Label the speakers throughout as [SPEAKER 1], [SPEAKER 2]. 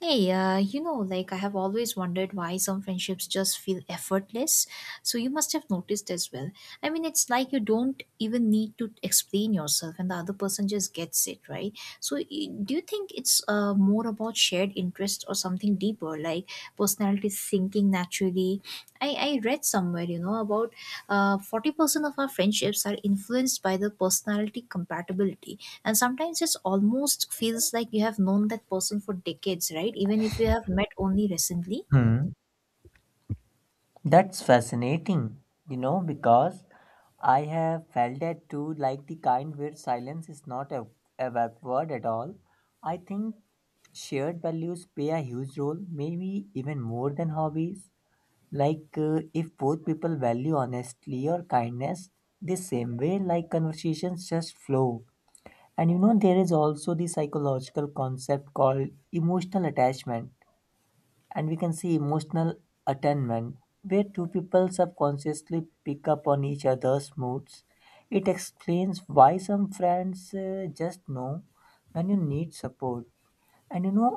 [SPEAKER 1] Hey, you know, like I have always wondered why some friendships just feel effortless. So you must have noticed as well. I mean, it's like you don't even need to explain yourself, and the other person just gets it, right? Do you think it's more about shared interest or something deeper, like personality sinking naturally? I read somewhere, you know, about 40% of our friendships are influenced by the personality compatibility. And sometimes it's almost feels like you have known that person for decades, right? Even if you have met only recently.
[SPEAKER 2] Hmm, that's fascinating, you know, because I have felt that too, like the kind where silence is not a backward at all. I think shared values play a huge role, maybe even more than hobbies. Like, if both people value honesty or kindness the same way, like conversations just flow. And you know, there is also the psychological concept called emotional attachment, and we can see emotional attunement where two people subconsciously pick up on each other's moods. It explains why some friends just know when you need support. And you know,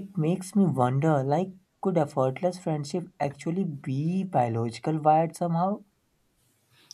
[SPEAKER 2] it makes me wonder, like could effortless friendship actually be biological wired somehow?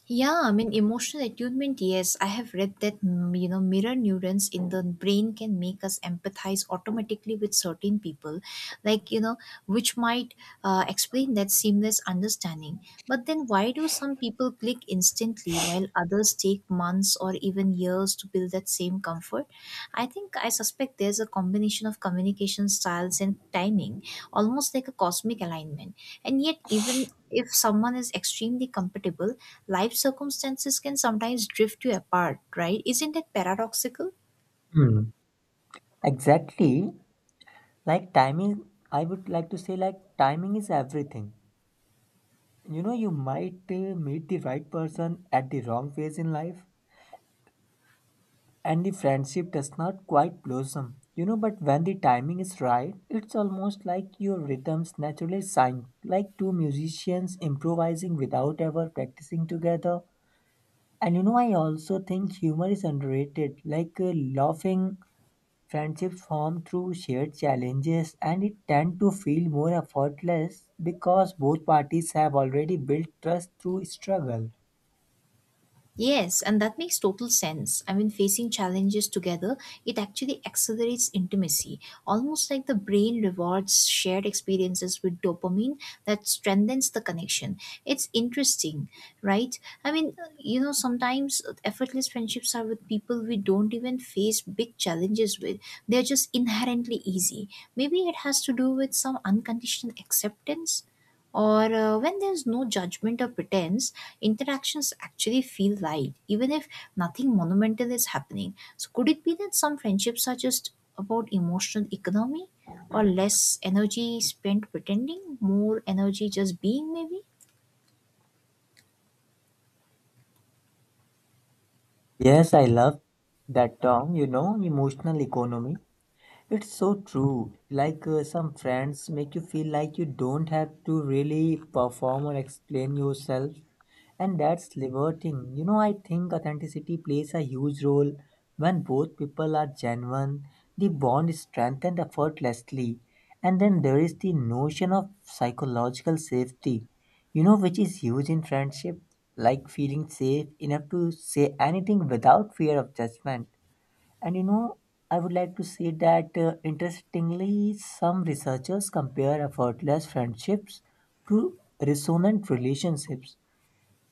[SPEAKER 1] Yeah, I mean, emotional attunement, yes. I have read that, you know, mirror neurons in the brain can make us empathize automatically with certain people, like, you know, which might explain that seamless understanding. But then why do some people click instantly while others take months or even years to build that same comfort? I suspect there's a combination of communication styles and timing, almost like a cosmic alignment. And yet, even if someone is extremely compatible, life circumstances can sometimes drift you apart, right? Isn't it paradoxical?
[SPEAKER 2] Hmm. Exactly. Like timing, I would like to say like timing is everything. You know, you might meet the right person at the wrong phase in life, and the friendship does not quite blossom. You know, but when the timing is right, it's almost like your rhythms naturally sync, like two musicians improvising without ever practicing together. And you know, I also think humor is underrated, like laughing friendships form through shared challenges, and it tend to feel more effortless because both parties have already built trust through struggle.
[SPEAKER 1] Yes, and that makes total sense. I mean, facing challenges together, it actually accelerates intimacy, almost like the brain rewards shared experiences with dopamine that strengthens the connection. It's interesting, right? I mean, you know, sometimes effortless friendships are with people we don't even face big challenges with. They're just inherently easy. Maybe it has to do with some unconditional acceptance or when there's no judgment or pretense interactions actually feel light, even if nothing monumental is happening. So, could it be that some friendships are just about emotional economy or less energy spent pretending, more energy just being, maybe?
[SPEAKER 2] Yes, I love that term, you know, emotional economy. It's so true. Like some friends make you feel like you don't have to really perform or explain yourself, and that's liberating. You know, I think authenticity plays a huge role. When both people are genuine, the bond is strengthened effortlessly. And then there is the notion of psychological safety, you know, which is huge in friendship, like feeling safe enough to say anything without fear of judgment. And you know, I would like to say that interestingly, some researchers compare effortless friendships to resonant relationships,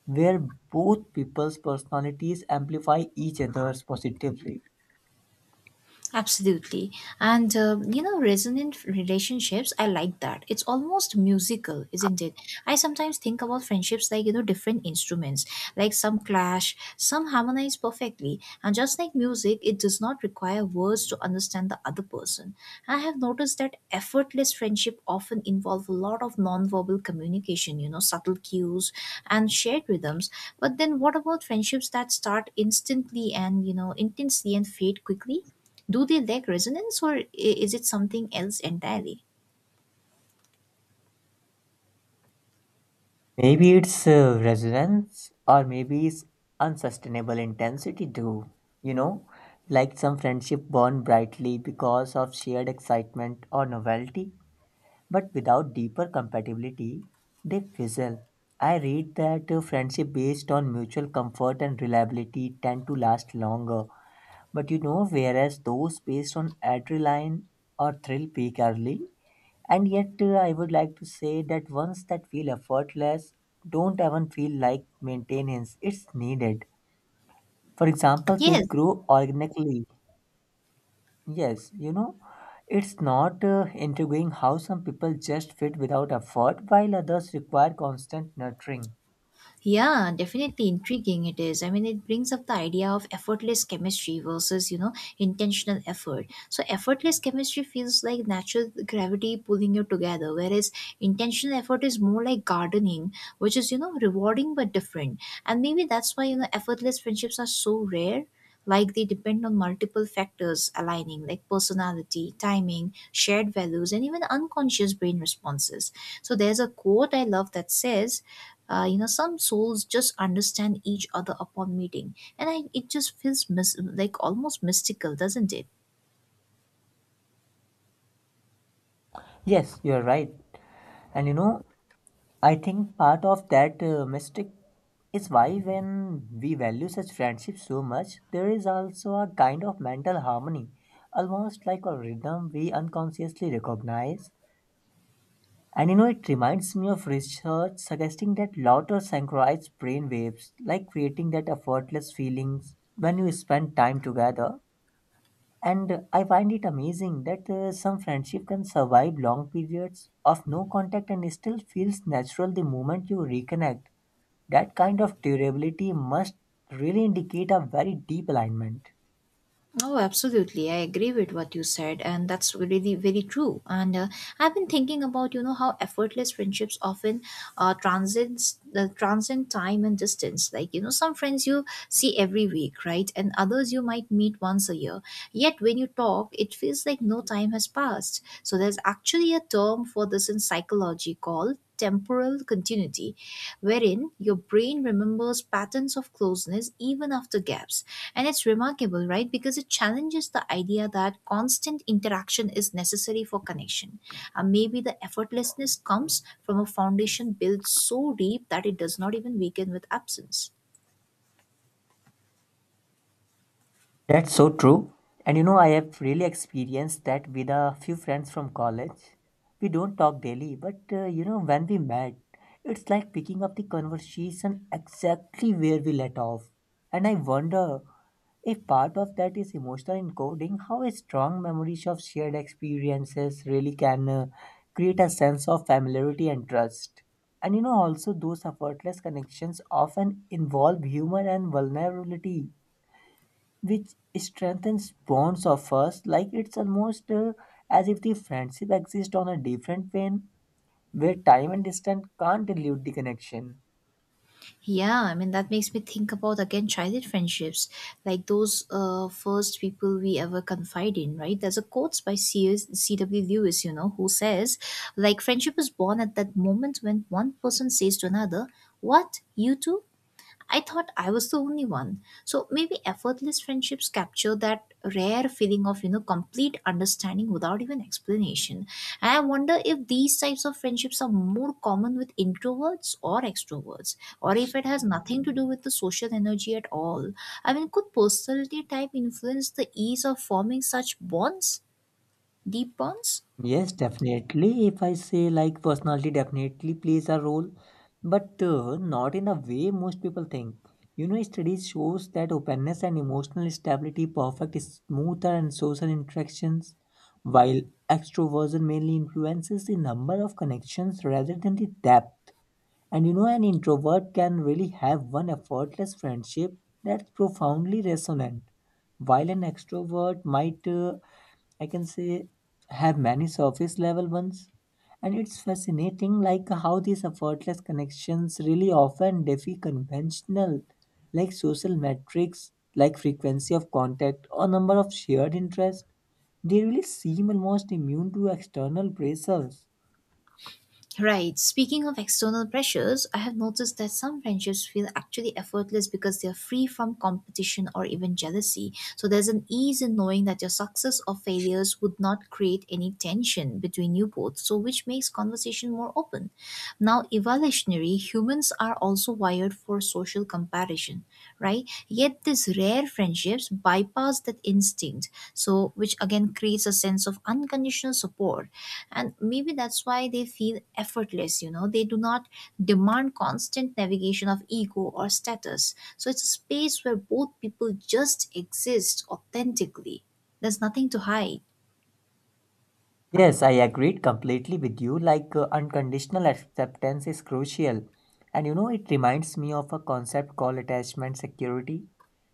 [SPEAKER 2] where both people's personalities amplify each other's positively.
[SPEAKER 1] Absolutely. And, you know, resonant relationships, I like that. It's almost musical, isn't it? I sometimes think about friendships like, you know, different instruments, like some clash, some harmonize perfectly. And just like music, it does not require words to understand the other person. I have noticed that effortless friendship often involve a lot of nonverbal communication, you know, subtle cues and shared rhythms. But then what about friendships that start instantly and, you know, intensely and fade quickly? Do they lack resonance, or is it something else entirely?
[SPEAKER 2] Maybe it's resonance, or maybe it's unsustainable intensity, too. You know, like some friendship burn brightly because of shared excitement or novelty, but without deeper compatibility, they fizzle. I read that friendship based on mutual comfort and reliability tend to last longer, but you know, whereas those based on adrenaline or thrill peak early. And yet, I would like to say that ones that feel effortless don't even feel like maintenance, it's needed. For example, they
[SPEAKER 1] Yes.
[SPEAKER 2] grow organically. Yes, you know, it's not intriguing how some people just fit without effort while others require constant nurturing.
[SPEAKER 1] Yeah, definitely intriguing it is. I mean, it brings up the idea of effortless chemistry versus, you know, intentional effort. So, effortless chemistry feels like natural gravity pulling you together, whereas intentional effort is more like gardening, which is, you know, rewarding but different. And maybe that's why, you know, effortless friendships are so rare. Like they depend on multiple factors aligning, like personality, timing, shared values, and even unconscious brain responses. So, there's a quote I love that says, you know, some souls just understand each other upon meeting, and I, it just feels like almost mystical, doesn't it?
[SPEAKER 2] Yes, you're right. And you know, I think part of that mystic is why when we value such friendship so much, there is also a kind of mental harmony, almost like a rhythm we unconsciously recognize. And you know, it reminds me of research suggesting that laughter synchronize brain waves, like creating that effortless feelings when you spend time together. And I find it amazing that some friendship can survive long periods of no contact and still feels natural the moment you reconnect. That kind of durability must really indicate a very deep alignment.
[SPEAKER 1] Oh, absolutely. I agree with what you said, and that's really very true. And I've been thinking about, you know, how effortless friendships often transcend time and distance. Like, you know, some friends you see every week, right, and others you might meet once a year. Yet when you talk, it feels like no time has passed. So there's actually a term for this in psychology called temporal continuity, wherein your brain remembers patterns of closeness even after gaps, and it's remarkable, right? Because it challenges the idea that constant interaction is necessary for connection. And maybe the effortlessness comes from a foundation built so deep that it does not even weaken with absence.
[SPEAKER 2] That's so true. And you know, I have really experienced that with a few friends from college. We don't talk daily, but you know, when we met, it's like picking up the conversation exactly where we let off. And I wonder if part of that is emotional encoding, how strong memories of shared experiences really can create a sense of familiarity and trust. And you know, also, those effortless connections often involve humor and vulnerability, which strengthens bonds of us, like it's almost as if the friendship exists on a different plane where time and distance can't dilute the connection.
[SPEAKER 1] Yeah, I mean, that makes me think about again childhood friendships, like those first people we ever confide in, right? There's a quote by C.S. C.W. Lewis, you know, who says, like, friendship is born at that moment when one person says to another, "What? You too? I thought I was the only one." So maybe effortless friendships capture that rare feeling of, you know, complete understanding without even explanation. And I wonder if these types of friendships are more common with introverts or extroverts, or if it has nothing to do with the social energy at all. I mean, could personality type influence the ease of forming such bonds, deep bonds?
[SPEAKER 2] Yes, definitely, if I say like personality definitely plays a role, but not in a way most people think. You know, studies shows that openness and emotional stability perfect smoother and social interactions, while extroversion mainly influences the number of connections rather than the depth. And you know, an introvert can really have one effortless friendship that's profoundly resonant, while an extrovert might, I can say, have many surface level ones. And it's fascinating, like how these effortless connections really often defy conventional, like social metrics, like frequency of contact or number of shared interests. They really seem almost immune to external pressures.
[SPEAKER 1] Right. Speaking of external pressures, I have noticed that some friendships feel actually effortless because they are free from competition or even jealousy. So there's an ease in knowing that your success or failures would not create any tension between you both, so which makes conversation more open. Now, evolutionary humans are also wired for social comparison, right? Yet these rare friendships bypass that instinct, so which again creates a sense of unconditional support, and maybe that's why they feel effortless. You know, they do not demand constant navigation of ego or status, so it's a space where both people just exist authentically. There's nothing to hide.
[SPEAKER 2] Yes, I agreed completely with you. Like unconditional acceptance is crucial. And you know, it reminds me of a concept called attachment security.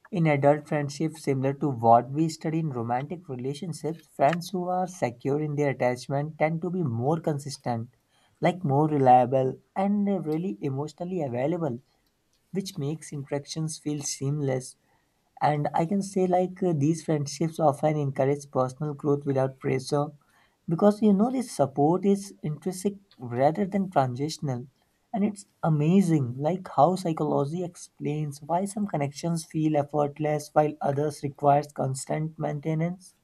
[SPEAKER 2] In adult friendships, similar to what we study in romantic relationships, friends who are secure in their attachment tend to be more consistent, like more reliable, and really emotionally available, which makes interactions feel seamless. And I can say like these friendships often encourage personal growth without pressure, because you know this support is intrinsic rather than transitional. And it's amazing like how psychology explains why some connections feel effortless while others requires constant maintenance.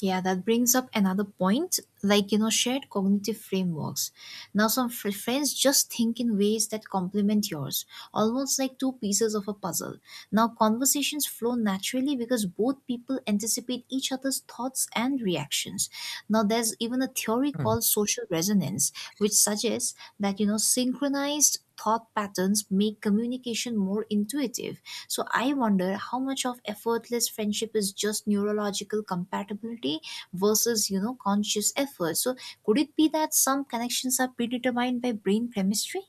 [SPEAKER 1] Yeah, that brings up another point, like, you know, shared cognitive frameworks. Now, some friends just think in ways that complement yours, almost like two pieces of a puzzle. Now, conversations flow naturally because both people anticipate each other's thoughts and reactions. Now, there's even a theory
[SPEAKER 2] Hmm.
[SPEAKER 1] called social resonance, which suggests that, you know, synchronized thought patterns make communication more intuitive, so I wonder how much of effortless friendship is just neurological compatibility versus, you know, conscious effort. So could it be that some connections are predetermined by brain chemistry?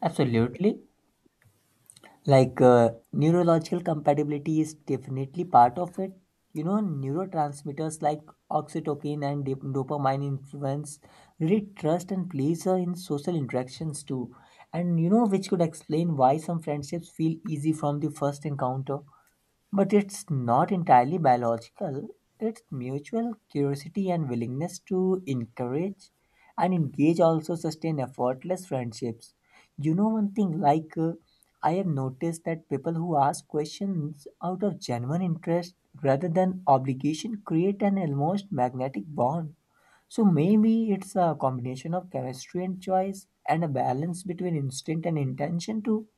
[SPEAKER 2] Absolutely. Like neurological compatibility is definitely part of it. You know, neurotransmitters like oxytocin and dopamine influence really trust and pleasure in social interactions too. And you know, which could explain why some friendships feel easy from the first encounter, but it's not entirely biological, it's mutual curiosity and willingness to encourage and engage also sustain effortless friendships. You know, one thing like I have noticed that people who ask questions out of genuine interest rather than obligation create an almost magnetic bond. So maybe it's a combination of chemistry and choice, and a balance between instinct and intention too.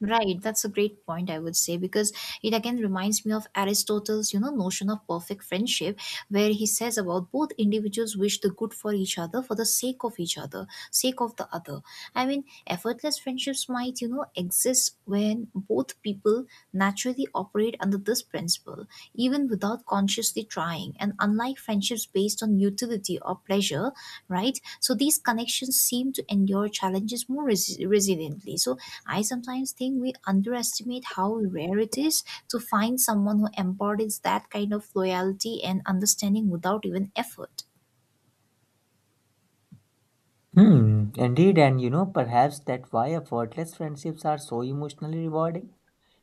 [SPEAKER 1] Right, that's a great point, I would say, because it again reminds me of Aristotle's, you know, notion of perfect friendship, where he says about both individuals wish the good for each other, for the sake of each other, sake of the other. I mean, effortless friendships might, you know, exist when both people naturally operate under this principle, even without consciously trying. And unlike friendships based on utility or pleasure, right? So these connections seem to endure challenges more resiliently. So I sometimes think we underestimate how rare it is to find someone who embodies that kind of loyalty and understanding without even effort.
[SPEAKER 2] Hmm, indeed, and you know, perhaps that's why effortless friendships are so emotionally rewarding.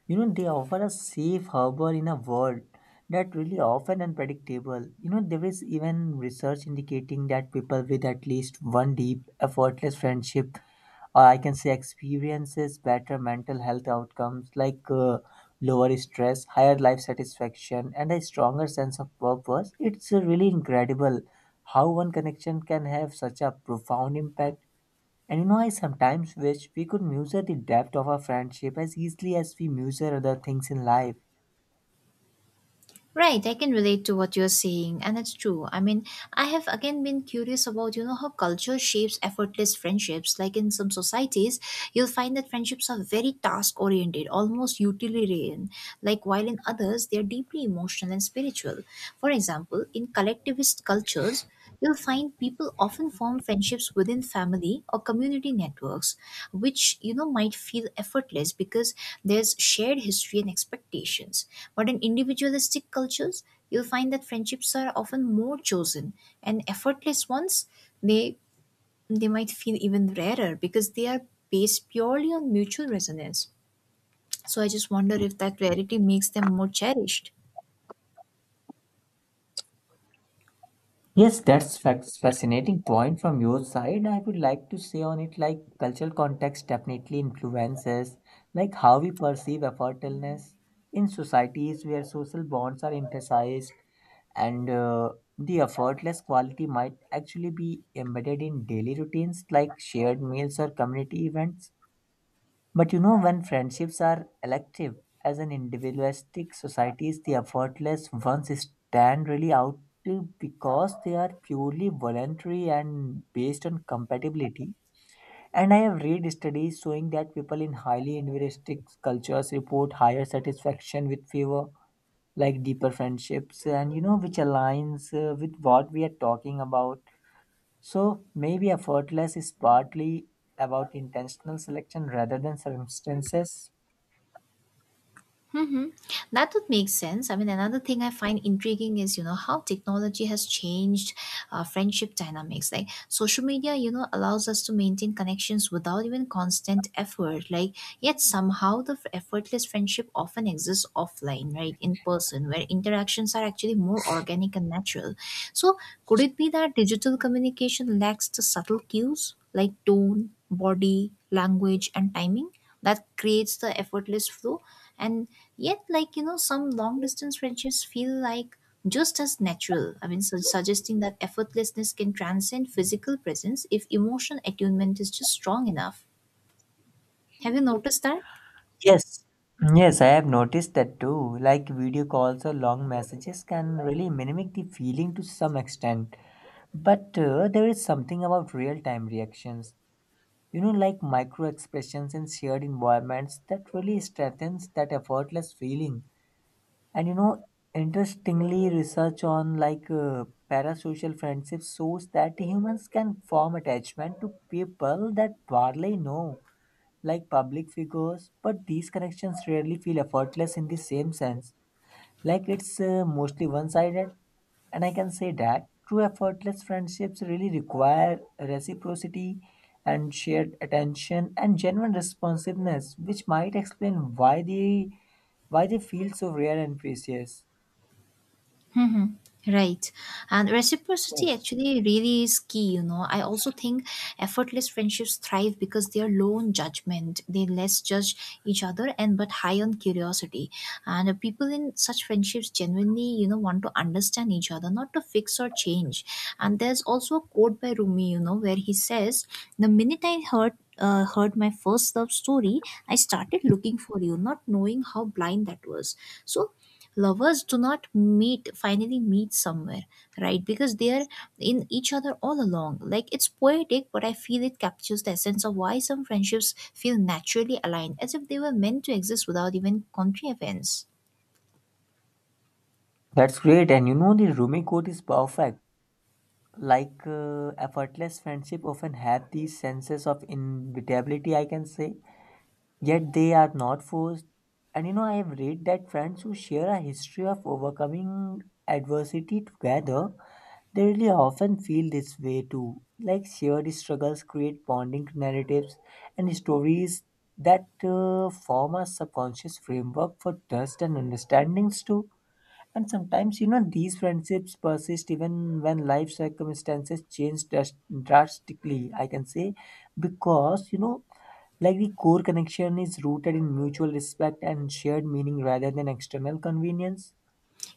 [SPEAKER 2] You know, they offer a safe harbor in a world that really often unpredictable. You know, there is even research indicating that people with at least one deep, effortless friendship, or I can say experiences better mental health outcomes, like lower stress, higher life satisfaction, and a stronger sense of purpose. It's really incredible how one connection can have such a profound impact. And you know, I sometimes wish we could measure the depth of our friendship as easily as we measure other things in life.
[SPEAKER 1] Right, I can relate to what you're saying, and it's true. I mean, I have again been curious about, you know, how culture shapes effortless friendships. Like in some societies, you'll find that friendships are very task oriented, almost utilitarian, like while in others, they're deeply emotional and spiritual. For example, in collectivist cultures, you'll find people often form friendships within family or community networks, which, you know, might feel effortless because there's shared history and expectations, but in individualistic cultures, you'll find that friendships are often more chosen, and effortless ones, they they might feel even rarer because they are based purely on mutual resonance. So I just wonder if that rarity makes them more cherished.
[SPEAKER 2] Yes, that's fascinating point from your side. I would like to say on it like cultural context definitely influences like how we perceive effortlessness in societies where social bonds are emphasized. And the effortless quality might actually be embedded in daily routines like shared meals or community events. But you know, when friendships are elective, as an individualistic societies, the effortless ones stand really out because they are purely voluntary and based on compatibility. And I have read studies showing that people in highly individualistic cultures report higher satisfaction with fewer, like deeper friendships, and you know, which aligns with what we are talking about. So maybe effortless is partly about intentional selection rather than circumstances.
[SPEAKER 1] That would make sense. I mean, another thing I find intriguing is, you know, how technology has changed friendship dynamics. Like social media, you know, allows us to maintain connections without even constant effort. Like, yet somehow the effortless friendship often exists offline, right, in person, where interactions are actually more organic and natural. So, could it be that digital communication lacks the subtle cues like tone, body, language, and timing that creates the effortless flow? And yet, like, you know, some long distance friendships feel like just as natural. I mean, so suggesting that effortlessness can transcend physical presence if emotional attunement is just strong enough. Have you noticed that?
[SPEAKER 2] Yes. Yes, I have noticed that too. Like video calls or long messages can really mimic the feeling to some extent. But there is something about real time reactions, you know, like micro expressions in shared environments that really strengthens that effortless feeling. And you know, interestingly, research on like parasocial friendships shows that humans can form attachment to people that barely know, like public figures, but these connections rarely feel effortless in the same sense. Like it's mostly one sided, and I can say that true effortless friendships really require reciprocity and shared attention and genuine responsiveness, which might explain why they feel so rare and precious.
[SPEAKER 1] Hmm. Right. And reciprocity
[SPEAKER 2] Yes.
[SPEAKER 1] actually really is key, you know. I also think effortless friendships thrive because they are low on judgment. They less judge each other and but high on curiosity. And people in such friendships genuinely, you know, want to understand each other, not to fix or change. And there's also a quote by Rumi, you know, where he says, "The minute I heard my first love story, I started looking for you, not knowing how blind that was. So lovers do not meet, finally meet somewhere, right, because they are in each other all along." Like it's poetic, but I feel it captures the essence of why some friendships feel naturally aligned, as if they were meant to exist without even contrivance.
[SPEAKER 2] That's great. And you know, the Rumi quote is perfect. Like effortless friendship often have these senses of inevitability, I can say, yet they are not forced. And you know, I have read that friends who share a history of overcoming adversity together, they really often feel this way too. Like shared struggles create bonding narratives and stories that form a subconscious framework for trust and understandings too. And sometimes, you know, these friendships persist even when life circumstances change drastically, I can say, because, you know, like the core connection is rooted in mutual respect and shared meaning rather than external convenience.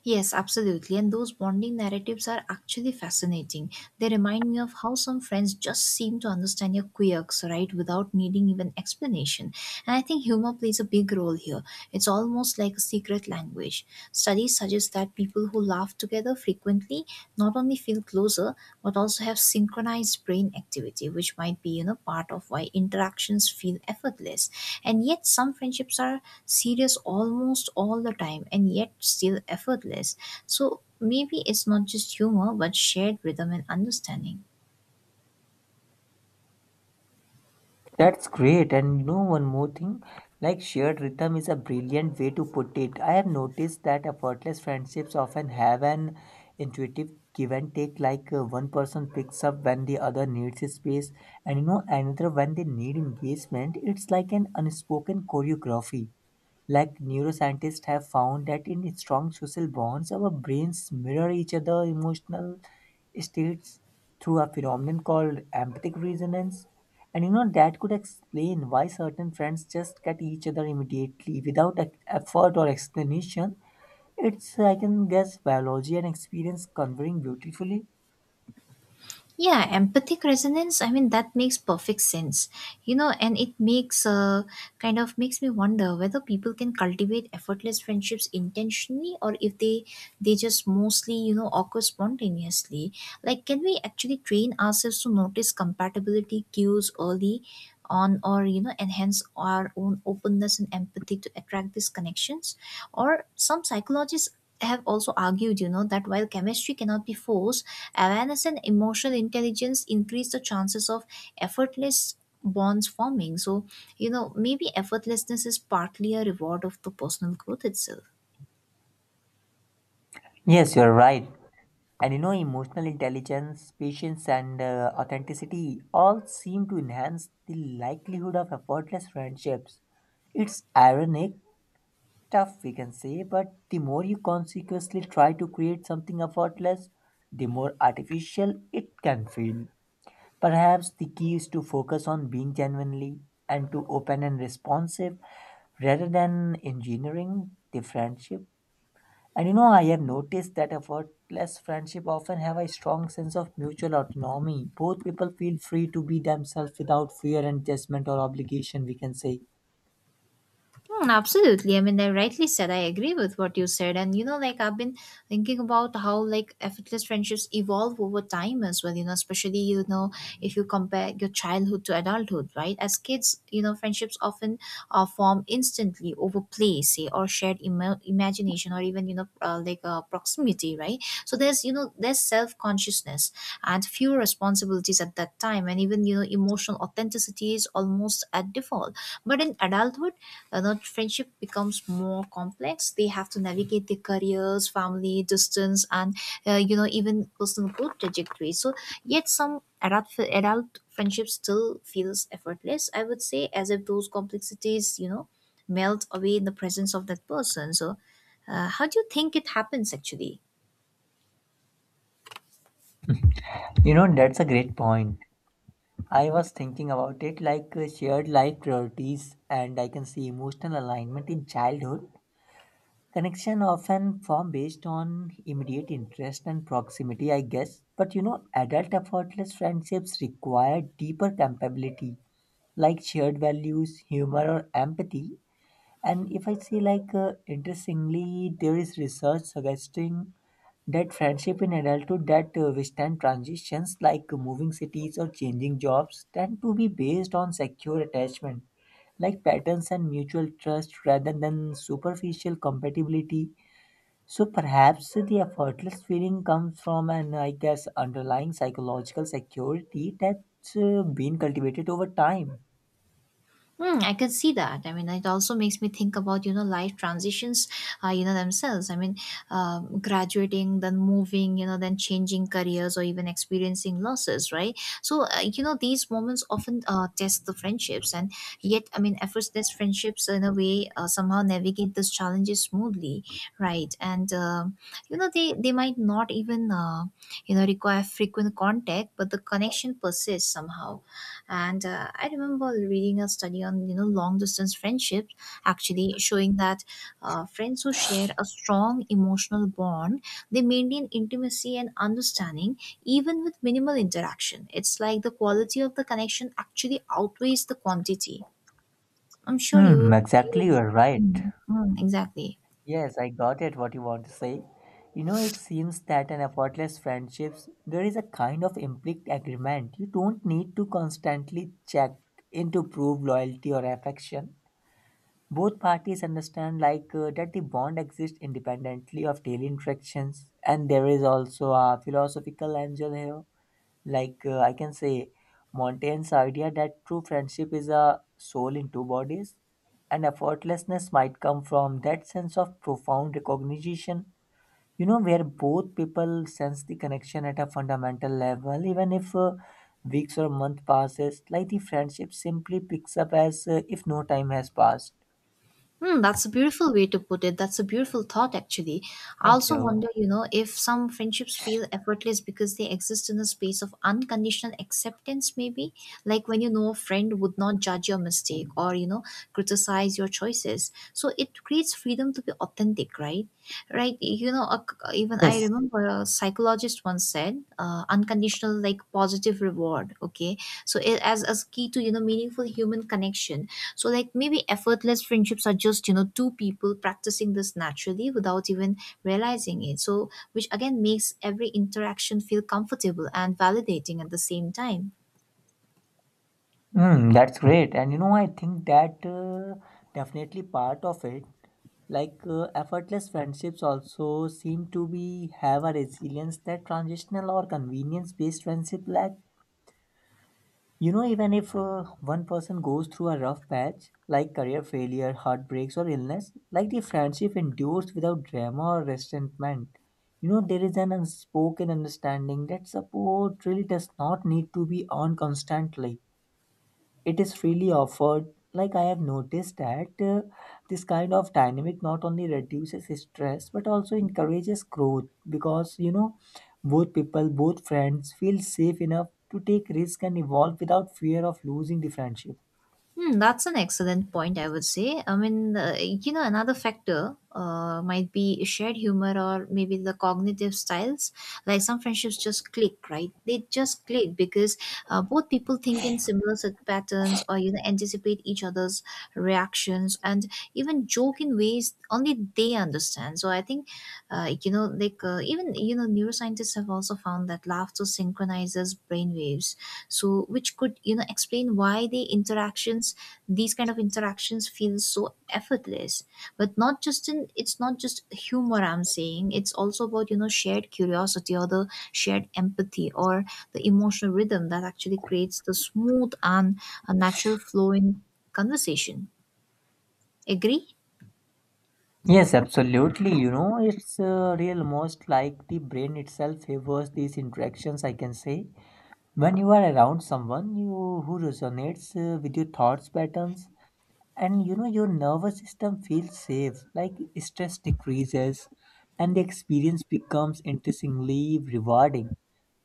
[SPEAKER 1] Yes, absolutely. And those bonding narratives are actually fascinating. They remind me of how some friends just seem to understand your quirks, right, without needing even explanation. And I think humor plays a big role here. It's almost like a secret language. Studies suggest that people who laugh together frequently not only feel closer but also have synchronized brain activity, which might be, you know, part of why interactions feel effortless. And yet some friendships are serious almost all the time and yet still effortless, so maybe it's not just humor but shared rhythm and understanding.
[SPEAKER 2] That's great. And you know, one more thing, like shared rhythm is a brilliant way to put it. I have noticed that effortless friendships often have an intuitive give and take, like one person picks up when the other needs his space, and you know, another when they need engagement. It's like an unspoken choreography. Like neuroscientists have found that in strong social bonds, our brains mirror each other emotional states through a phenomenon called empathic resonance. And you know that could explain why certain friends just get each other immediately without effort or explanation. It's, I can guess, biology and experience converging beautifully.
[SPEAKER 1] Yeah, empathic resonance. I mean, that makes perfect sense, and it makes kind of makes me wonder whether people can cultivate effortless friendships intentionally, or if they just mostly occur spontaneously. Like, can we actually train ourselves to notice compatibility cues early on, or enhance our own openness and empathy to attract these connections? Or some psychologists have also argued that while chemistry cannot be forced, awareness and emotional intelligence increase the chances of effortless bonds forming. So maybe effortlessness is partly a reward of the personal growth itself.
[SPEAKER 2] Yes, you're right. And you know, emotional intelligence, patience, and authenticity all seem to enhance the likelihood of effortless friendships. It's ironic, tough we can say, but the more you consciously try to create something effortless, the more artificial it can feel. Perhaps the key is to focus on being genuinely and to open and responsive rather than engineering the friendship. And you know, I have noticed that effortless friendship often have a strong sense of mutual autonomy. Both people feel free to be themselves without fear and judgment or obligation, we can say.
[SPEAKER 1] Hmm, absolutely. I mean, I rightly said I agree with what you said. And, like, I've been thinking about how, like, effortless friendships evolve over time as well, especially, if you compare your childhood to adulthood, right? As kids, friendships often are formed instantly over play, say, or shared imagination, or even, like proximity, right? So there's, there's self consciousness and few responsibilities at that time. And even, emotional authenticity is almost at default. But in adulthood, friendship becomes more complex. They have to navigate their careers, family, distance, and even personal growth trajectory. So yet some adult friendship still feels effortless, I would say, as if those complexities melt away in the presence of that person. So how do you think it happens actually?
[SPEAKER 2] You know, that's a great point. I was thinking about it like shared life priorities, and I can see emotional alignment in childhood. Connection often form based on immediate interest and proximity, I guess. But you know, adult effortless friendships require deeper compatibility, like shared values, humor, or empathy. And if I say, like, interestingly, there is research suggesting that friendship in adulthood that withstand transitions like moving cities or changing jobs tend to be based on secure attachment like patterns and mutual trust rather than superficial compatibility. So perhaps the effortless feeling comes from an, I guess, underlying psychological security that's been cultivated over time.
[SPEAKER 1] Hmm, I can see that. I mean, it also makes me think about, life transitions, themselves. I mean, graduating, then moving, then changing careers, or even experiencing losses, right? So, these moments often test the friendships. And yet, I mean, effortless friendships in a way somehow navigate those challenges smoothly, right? And, they might not even, require frequent contact, but the connection persists somehow. And I remember reading a study on, long distance friendships, actually showing that friends who share a strong emotional bond, they maintain intimacy and understanding even with minimal interaction. It's like the quality of the connection actually outweighs the quantity. I'm sure you,
[SPEAKER 2] Hmm
[SPEAKER 1] you
[SPEAKER 2] exactly, you're right.
[SPEAKER 1] Mm, mm, exactly.
[SPEAKER 2] Yes, I got it what you want to say. You know, it seems that in effortless friendships, there is a kind of implicit agreement. You don't need to constantly check in to prove loyalty or affection. Both parties understand like that the bond exists independently of daily interactions, and there is also a philosophical angle here like I can say, Montaigne's idea that true friendship is a soul in two bodies, and effortlessness might come from that sense of profound recognition. You know, where both people sense the connection at a fundamental level, even if weeks or month passes, like the friendship simply picks up as if no time has passed.
[SPEAKER 1] Hmm, that's a beautiful way to put it. That's a beautiful thought, actually. I
[SPEAKER 2] Thank
[SPEAKER 1] also
[SPEAKER 2] you.
[SPEAKER 1] wonder, if some friendships feel effortless because they exist in a space of unconditional acceptance, maybe. Like, when a friend would not judge your mistake, or, criticize your choices. So it creates freedom to be authentic, right? Right. Even I
[SPEAKER 2] Yes.
[SPEAKER 1] remember a psychologist once said, unconditional, like, positive reward. Okay. So it, as key to, meaningful human connection. So like, maybe effortless friendships are just two people practicing this naturally without even realizing it, so which again makes every interaction feel comfortable and validating at the same time.
[SPEAKER 2] Mm, that's great. And you know, I think that definitely part of it. Like effortless friendships also seem to be have a resilience that transitional or convenience based friendship lack. You know, even if one person goes through a rough patch, like career failure, heartbreaks, or illness, like the friendship endures without drama or resentment. You know, there is an unspoken understanding that support really does not need to be earned constantly, it is freely offered. Like I have noticed that this kind of dynamic not only reduces stress but also encourages growth, because you know, both friends feel safe enough to take risk and evolve without fear of losing the friendship.
[SPEAKER 1] Hmm, that's an excellent point, I would say. I mean, another factor might be shared humor, or maybe the cognitive styles. Like, some friendships just click, right? They just click because both people think in similar set patterns, or, anticipate each other's reactions and even joke in ways only they understand. So I think, like even, neuroscientists have also found that laughter synchronizes brain waves, so which could explain why these kind of interactions feel so effortless. But not just in it's not just humor, I'm saying. It's also about, shared curiosity, or the shared empathy, or the emotional rhythm that actually creates the smooth and a natural flow in conversation. Agree.
[SPEAKER 2] Yes, absolutely. You know, it's real most like the brain itself favors these interactions, I can say. When you are around someone you who resonates with your thoughts patterns, and you know, your nervous system feels safe, like stress decreases and the experience becomes, interestingly, rewarding.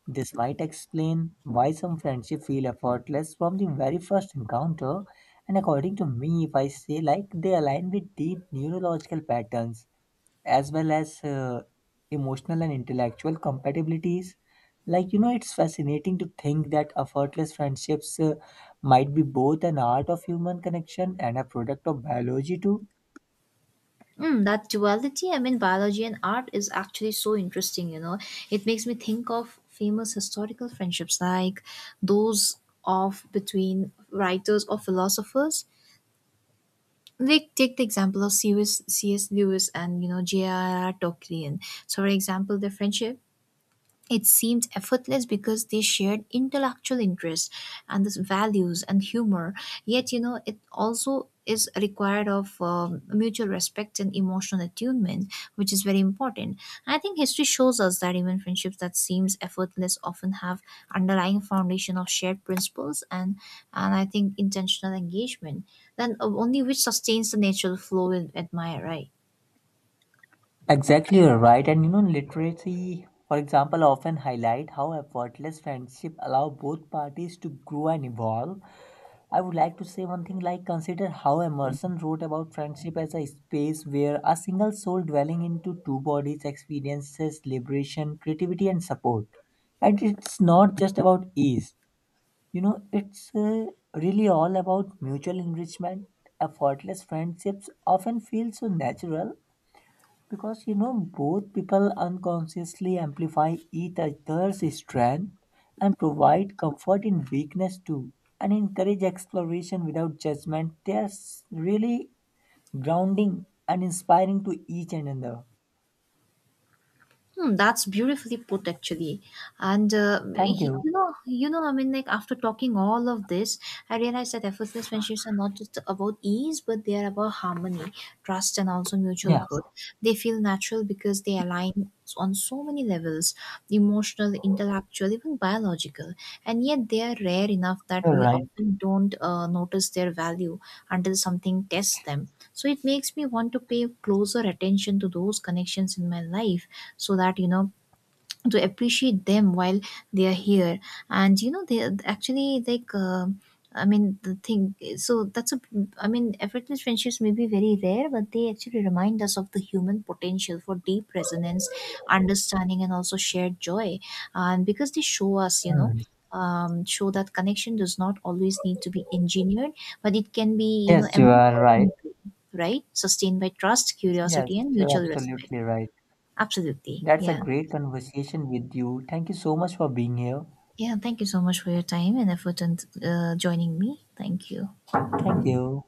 [SPEAKER 2] This might explain why some friendships feel effortless from the very first encounter, and according to me, if I say, like they align with deep neurological patterns as well as emotional and intellectual compatibilities. Like, you know, it's fascinating to think that effortless friendships might be both an art of human connection and a product of biology, too.
[SPEAKER 1] Mm, that duality, I mean, biology and art, is actually so interesting, you know. It makes me think of famous historical friendships, like those of between writers or philosophers. Like, take the example of C.S. Lewis and, J.R.R. Tolkien. So, for example, their friendship, it seemed effortless because they shared intellectual interests and this values and humor. Yet, it also is required of mutual respect and emotional attunement, which is very important. I think history shows us that even friendships that seems effortless often have underlying foundation of shared principles and I think intentional engagement. Then only which sustains the natural flow we admire, right?
[SPEAKER 2] Exactly, you're right. And you know, literacy, for example, often highlight how effortless friendship allow both parties to grow and evolve. I would like to say one thing, like consider how Emerson wrote about friendship as a space where a single soul dwelling into two bodies experiences liberation, creativity, and support. And it's not just about ease, you know, it's really all about mutual enrichment. Effortless friendships often feel so natural because you know, both people unconsciously amplify each other's strength and provide comfort in weakness too, and encourage exploration without judgment. They are really grounding and inspiring to each another.
[SPEAKER 1] Hmm, that's beautifully put, actually. And
[SPEAKER 2] Thank you.
[SPEAKER 1] I mean, like, after talking all of this, I realized that effortless friendships are not just about ease, but they are about harmony, trust, and also mutual
[SPEAKER 2] Yeah,
[SPEAKER 1] growth. They feel natural because they align on so many levels, emotional, intellectual, even biological. And yet they are rare enough that
[SPEAKER 2] you're
[SPEAKER 1] we
[SPEAKER 2] right.
[SPEAKER 1] often don't notice their value until something tests them. So it makes me want to pay closer attention to those connections in my life, so that, to appreciate them while they are here. And they are actually like, I mean the thing so that's a I mean, effortless friendships may be very rare, but they actually remind us of the human potential for deep resonance, understanding, and also shared joy. And because they show us,
[SPEAKER 2] Hmm.
[SPEAKER 1] show that connection does not always need to be engineered, but it can be,
[SPEAKER 2] Yes, you
[SPEAKER 1] emerged
[SPEAKER 2] are right.
[SPEAKER 1] organically, right? Sustained by trust,
[SPEAKER 2] Yes,
[SPEAKER 1] curiosity and
[SPEAKER 2] you're
[SPEAKER 1] mutual respect.
[SPEAKER 2] absolutely right.
[SPEAKER 1] Absolutely,
[SPEAKER 2] That's a
[SPEAKER 1] yeah.
[SPEAKER 2] great conversation with you. Thank you so much for being here.
[SPEAKER 1] Yeah, thank you so much for your time and effort and joining me. Thank you.
[SPEAKER 2] Thank you.